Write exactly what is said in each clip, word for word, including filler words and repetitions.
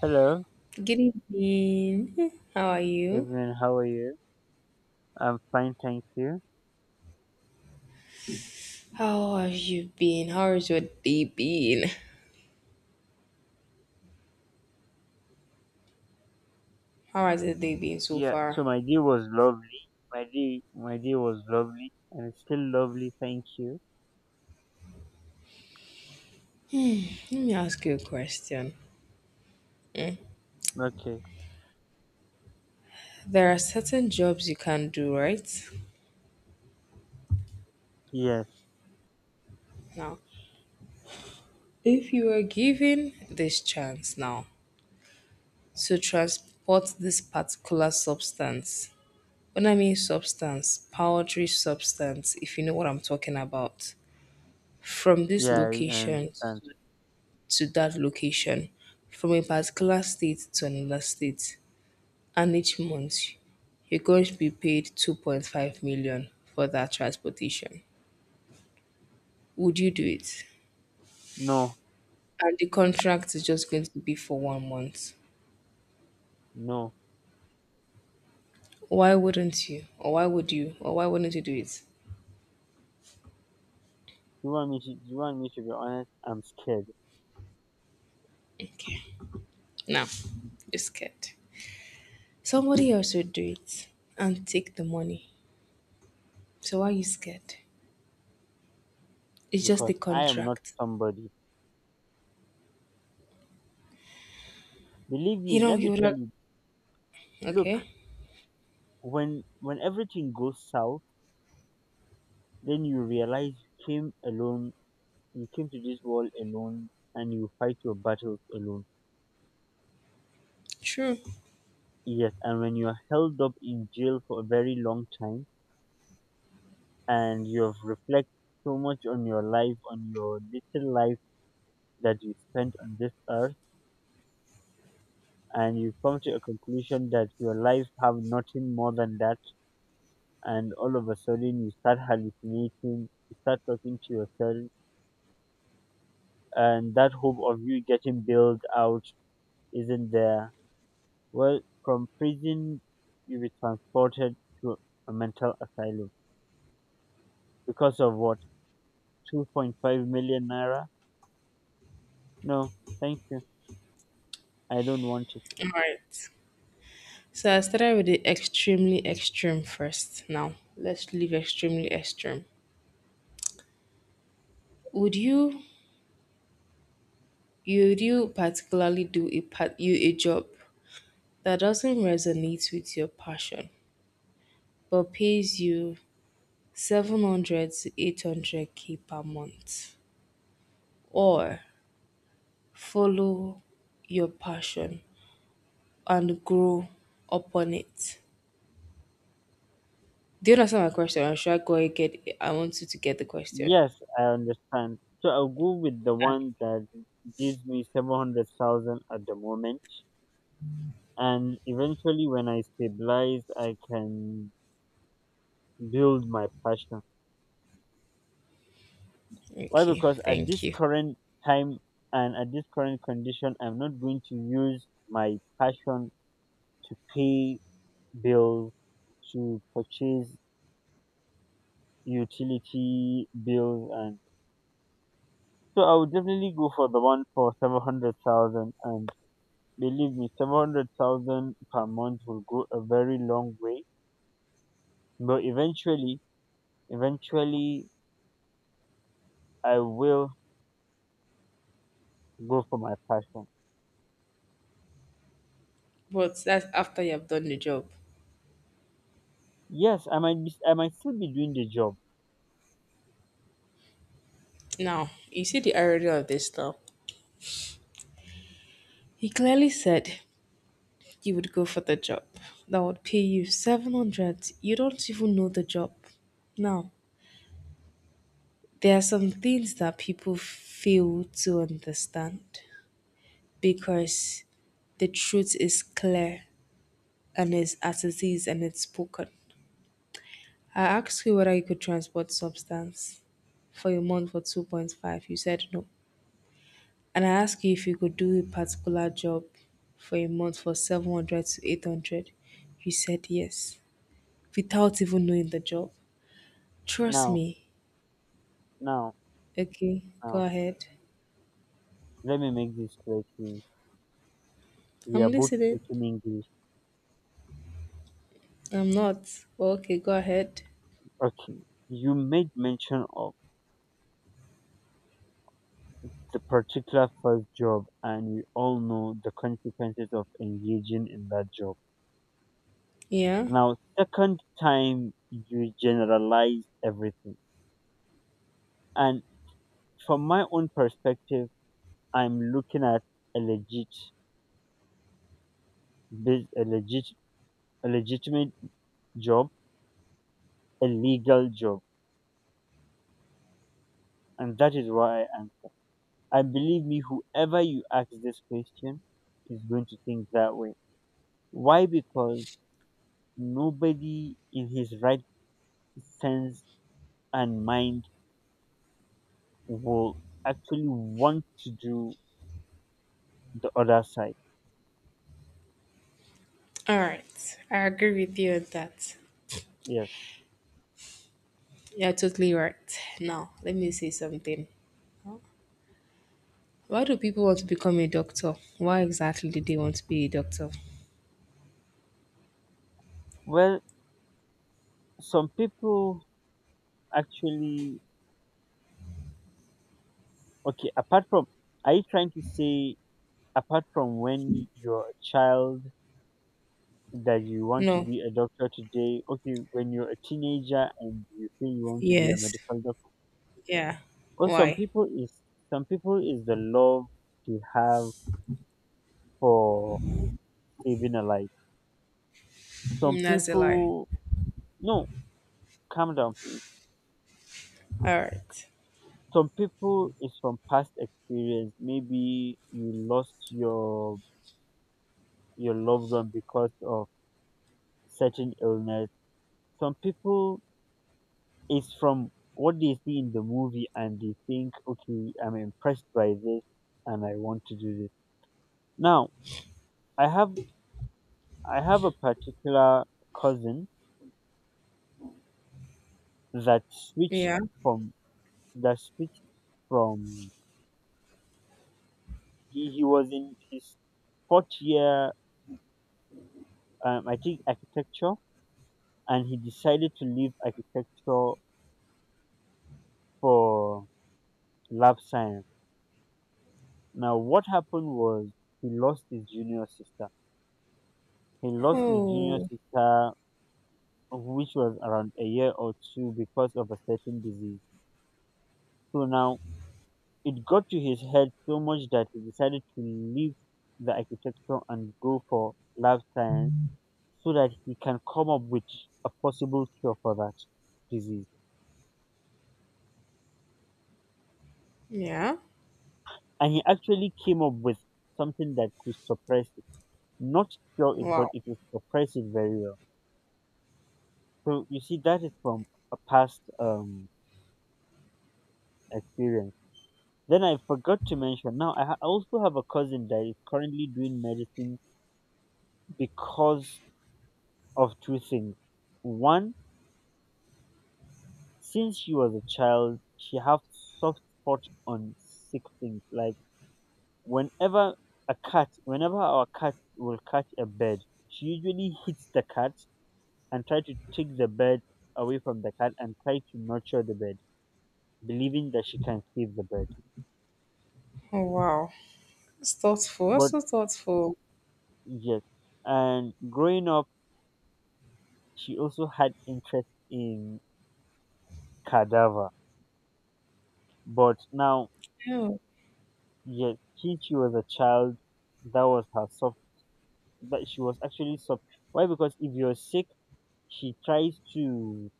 Hello, Good evening. How are you? everyone. How are you? I'm fine, thank you. How have you been? How has your day been? How has your day been so Yeah, far? so my day was lovely. My day, my day was lovely, and it's still lovely. Thank you. Let me ask you a question. Okay. There are certain jobs you can do, right? Yes. Now, if you were given this chance now to transport this particular substance, when I mean substance, powdery substance, if you know what I'm talking about, from this Yeah, I I location understand. to that location from a particular state to another state, and each month you're going to be paid two point five million for that transportation. Would you do it? No, And the contract is just going to be for one month. no. Why wouldn't you? Or why would you? Or why wouldn't you do it? You want me to? You want me to be honest? I'm scared Okay. Now, you're scared. Somebody else will do it and take the money. So why are you scared? It's just a because I am not contract. somebody. Believe You me, know, let me you would tell have. you. Look, Okay. when when everything goes south, then you realize you came alone. You came to this world alone, and you fight your battles alone. True. Yes, and when you are held up in jail for a very long time and you have reflected so much on your life, on your little life that you spent on this earth, and you come to a conclusion that your life have nothing more than that, and all of a sudden you start hallucinating, you start talking to yourself, and that hope of you getting bailed out isn't there. Well, from prison you be transported to a mental asylum because of what? two point five million naira. No, thank you. I don't want it. All right. So I started with the extremely extreme first. Now let's leave extremely extreme. Would you would you particularly do a part you a job that doesn't resonate with your passion but pays you seven hundred to eight hundred K per month? Or follow your passion and grow upon it? Do you understand my question? Or should I go ahead? Get I want you to get the question. Yes, I understand. So I'll go with the one that gives me seven hundred thousand at the moment. And eventually, when I stabilize, I can build my passion. Why? Okay, Because at thank this you. current time and at this current condition, I'm not going to use my passion to pay bills, to purchase utility bills, and so I would definitely go for the one for seven hundred thousand, and believe me, seven hundred thousand per month will go a very long way. But eventually, eventually, I will go for my passion. But that's after you have done the job. Yes, I might be, I might still be doing the job. Now, you see the irony of this now. He clearly said you would go for the job that would pay you seven hundred. You don't even know the job. Now, there are some things that people fail to understand because the truth is clear and is as it is and it's spoken. I asked you whether you could transport substance for a month for two point five. You said no. And I asked you if you could do a particular job for a month for seven hundred to eight hundred. You said yes without even knowing the job. Trust now, me. now, Okay, go now. ahead. Let me make this clear to you. We are I'm both listening. speaking English. I'm not. Okay, go ahead. Okay, you made mention of the particular first job, and we all know the consequences of engaging in that job. Yeah. Now, second time you generalize everything. And from my own perspective, I'm looking at a legit, bus- a legit, a legitimate job, a legal job, and that is why I answer. And believe me, whoever you ask this question is going to think that way. Why? Because nobody in his right sense and mind will actually want to do the other side. All right. I agree with you on that. Yes. You're totally right. Now, let me say something. Why do people want to become a doctor? Why exactly do they want to be a doctor? Well, some people actually, okay, apart from, are you trying to say apart from when you're a child that you want to No. be a doctor today, okay, when you're a teenager and you feel you want to be a Yes. medical doctor, Yeah. well, some Why? people is, some people is the love they have for saving a life. Some Mm, That's a lie. people, no, calm down please. All right. Some people is from past experience, maybe you lost your your loved one because of certain illness. Some people it's from what they see in the movie and they think, okay, I'm impressed by this and I want to do this. Now, I have I have a particular cousin that switched Yeah. from, that switched from, he, he was in his fourth year, um, I think architecture, and he decided to leave architecture for lab science. Now what happened was he lost his junior sister. He lost his junior Oh, sister, which was around a year or two, because of a certain disease. So now it got to his head so much that he decided to leave the architecture and go for life science so that he can come up with a possible cure for that disease. yeah. And he actually came up with something that could suppress it, not cure it, but Wow. it will suppress it very well. So you see, that is from a past um, experience. Then I forgot to mention. Now I ha- I also have a cousin that is currently doing medicine because of two things. One, since she was a child, she have soft spot on sick things. Like whenever a cat, whenever our cat will catch a bird, she usually hits the cat and try to take the bird away from the cat and try to nurture the bird, believing that she can save the bird. Oh, wow. It's thoughtful. That's But so thoughtful. yes, and growing up, she also had interest in cadaver. But now, Oh, yes, since she was a child, that was her soft. That she was actually soft. Why? Because if you're sick, she tries to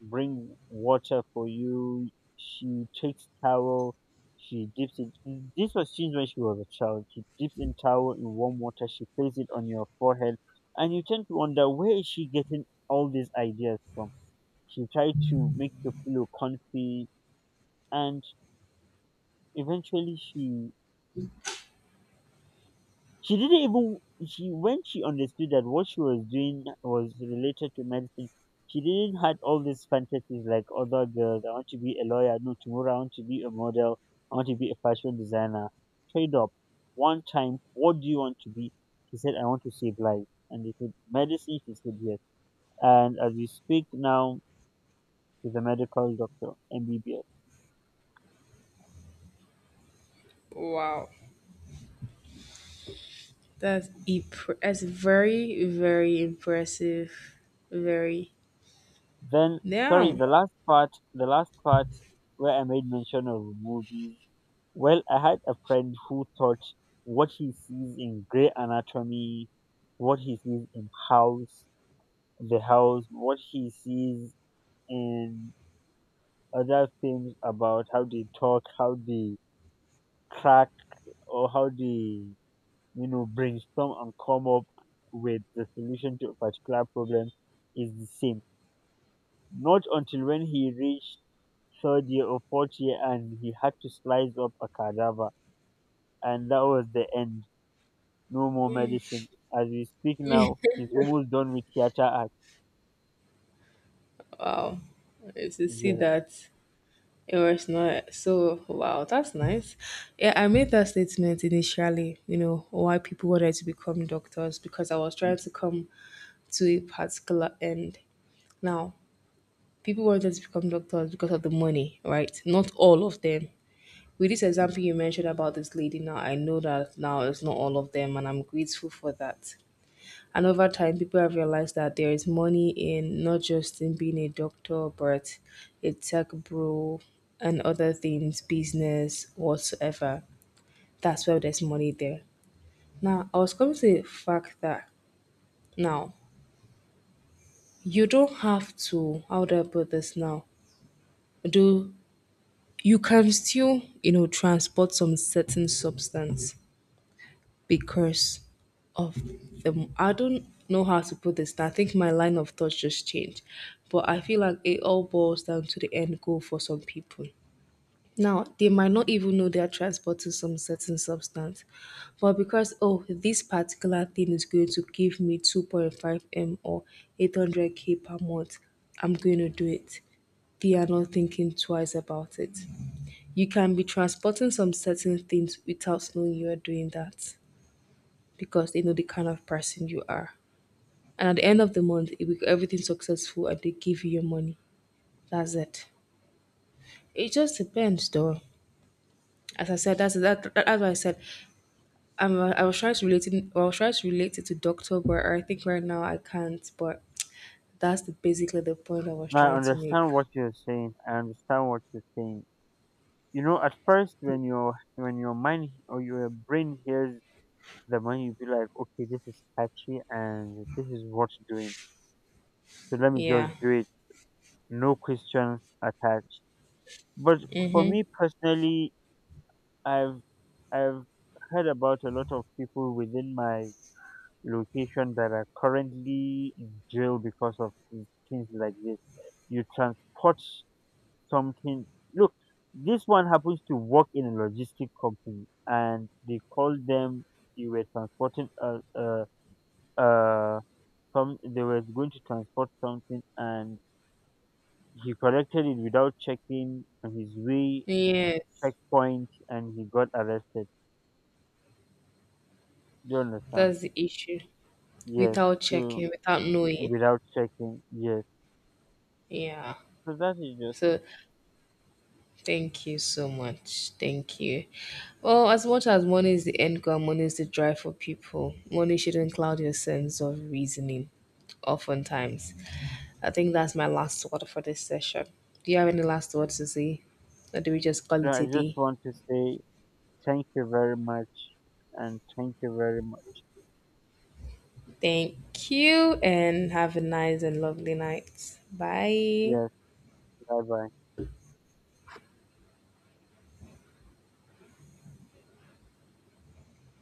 bring water for you. She takes towel. She dips it. This was since when she was a child. She dips in towel in warm water. She places it on your forehead, and you tend to wonder where is she getting all these ideas from. She tried to make the pillow comfy, and eventually she She didn't even she, when she understood that what she was doing was related to medicine, she didn't had all these fantasies like other girls. I want to be a lawyer. No, tomorrow I want to be a model. I want to be a fashion designer. Trade up. One time, what do you want to be? She said, I want to save lives. And they said, medicine? She said, yes. And as we speak now, she's a medical doctor, M B B S. wow. That's impre- That's very, very impressive. Very. Then, sorry, Now, the last part, the last part where I made mention of movies. Well, I had a friend who thought what he sees in Grey Anatomy, what he sees in House, The House, what he sees in other films about how they talk, how they crack, or how they, you know, brainstorm and come up with the solution to a particular problem is the same. Not until when he reached third year or fourth year and he had to slice up a cadaver, and that was the end. No more medicine. As we speak now, he's almost done with theater act. wow. To see Yes. that it was not so. Wow, that's nice. Yeah, I made that statement initially. You know why people wanted to become doctors because I was trying to come to a particular end. Now, people wanted to become doctors because of the money, right? Not all of them. With this example you mentioned about this lady now, I know that now it's not all of them, and I'm grateful for that. And over time, people have realized that there is money in not just in being a doctor, but a tech bro and other things, business, whatsoever. That's where there's money there. Now, I was coming to the fact that now you don't have to. How do I put this now? Do You can still, you know transport some certain substance because of the— I don't know how to put this. I think my line of thought just changed, but I feel like it all boils down to the end goal for some people. Now, they might not even know they're transporting some certain substance, but because, oh, this particular thing is going to give me two point five m or eight hundred k per month, I'm going to do it. They are not thinking twice about it. You can be transporting some certain things without knowing you are doing that because they know the kind of person you are. And at the end of the month, if you- everything's successful and they give you your money, that's it. It just depends, though. As I said, that's that. that that's what I said. Um, I was trying to relate it. I was trying to relate it to doctor, but I think right now I can't. But that's the, basically the point I was Now I trying to make. understand what you're saying. I understand what you're saying. You know, at first when your, when your mind or your brain hears the money, you be like, okay, this is catchy and this is what's doing. So let me Yeah. just do it. No questions attached. But for me personally, I've I've heard about a lot of people within my location that are currently in jail because of thi- things like this. You transport something. Look, this one happens to work in a logistic company, and they called them. You were transporting uh, uh, uh, some. They were going to transport something, and he collected it without checking on his way Yes, checkpoint, and he got arrested. Do you understand? that's the issue. Yes. Without So checking, without knowing. without checking, yes. Yeah. So that is just it. So, thank you so much. Thank you. Well, as much as money is the end goal, money is the drive for people. Money shouldn't cloud your sense of reasoning, oftentimes. I think that's my last word for this session. Do you have any last words to say? Or do we just call No, it I a just day? want to say thank you very much and thank you very much. Thank you and have a nice and lovely night. Bye. Yes, bye bye.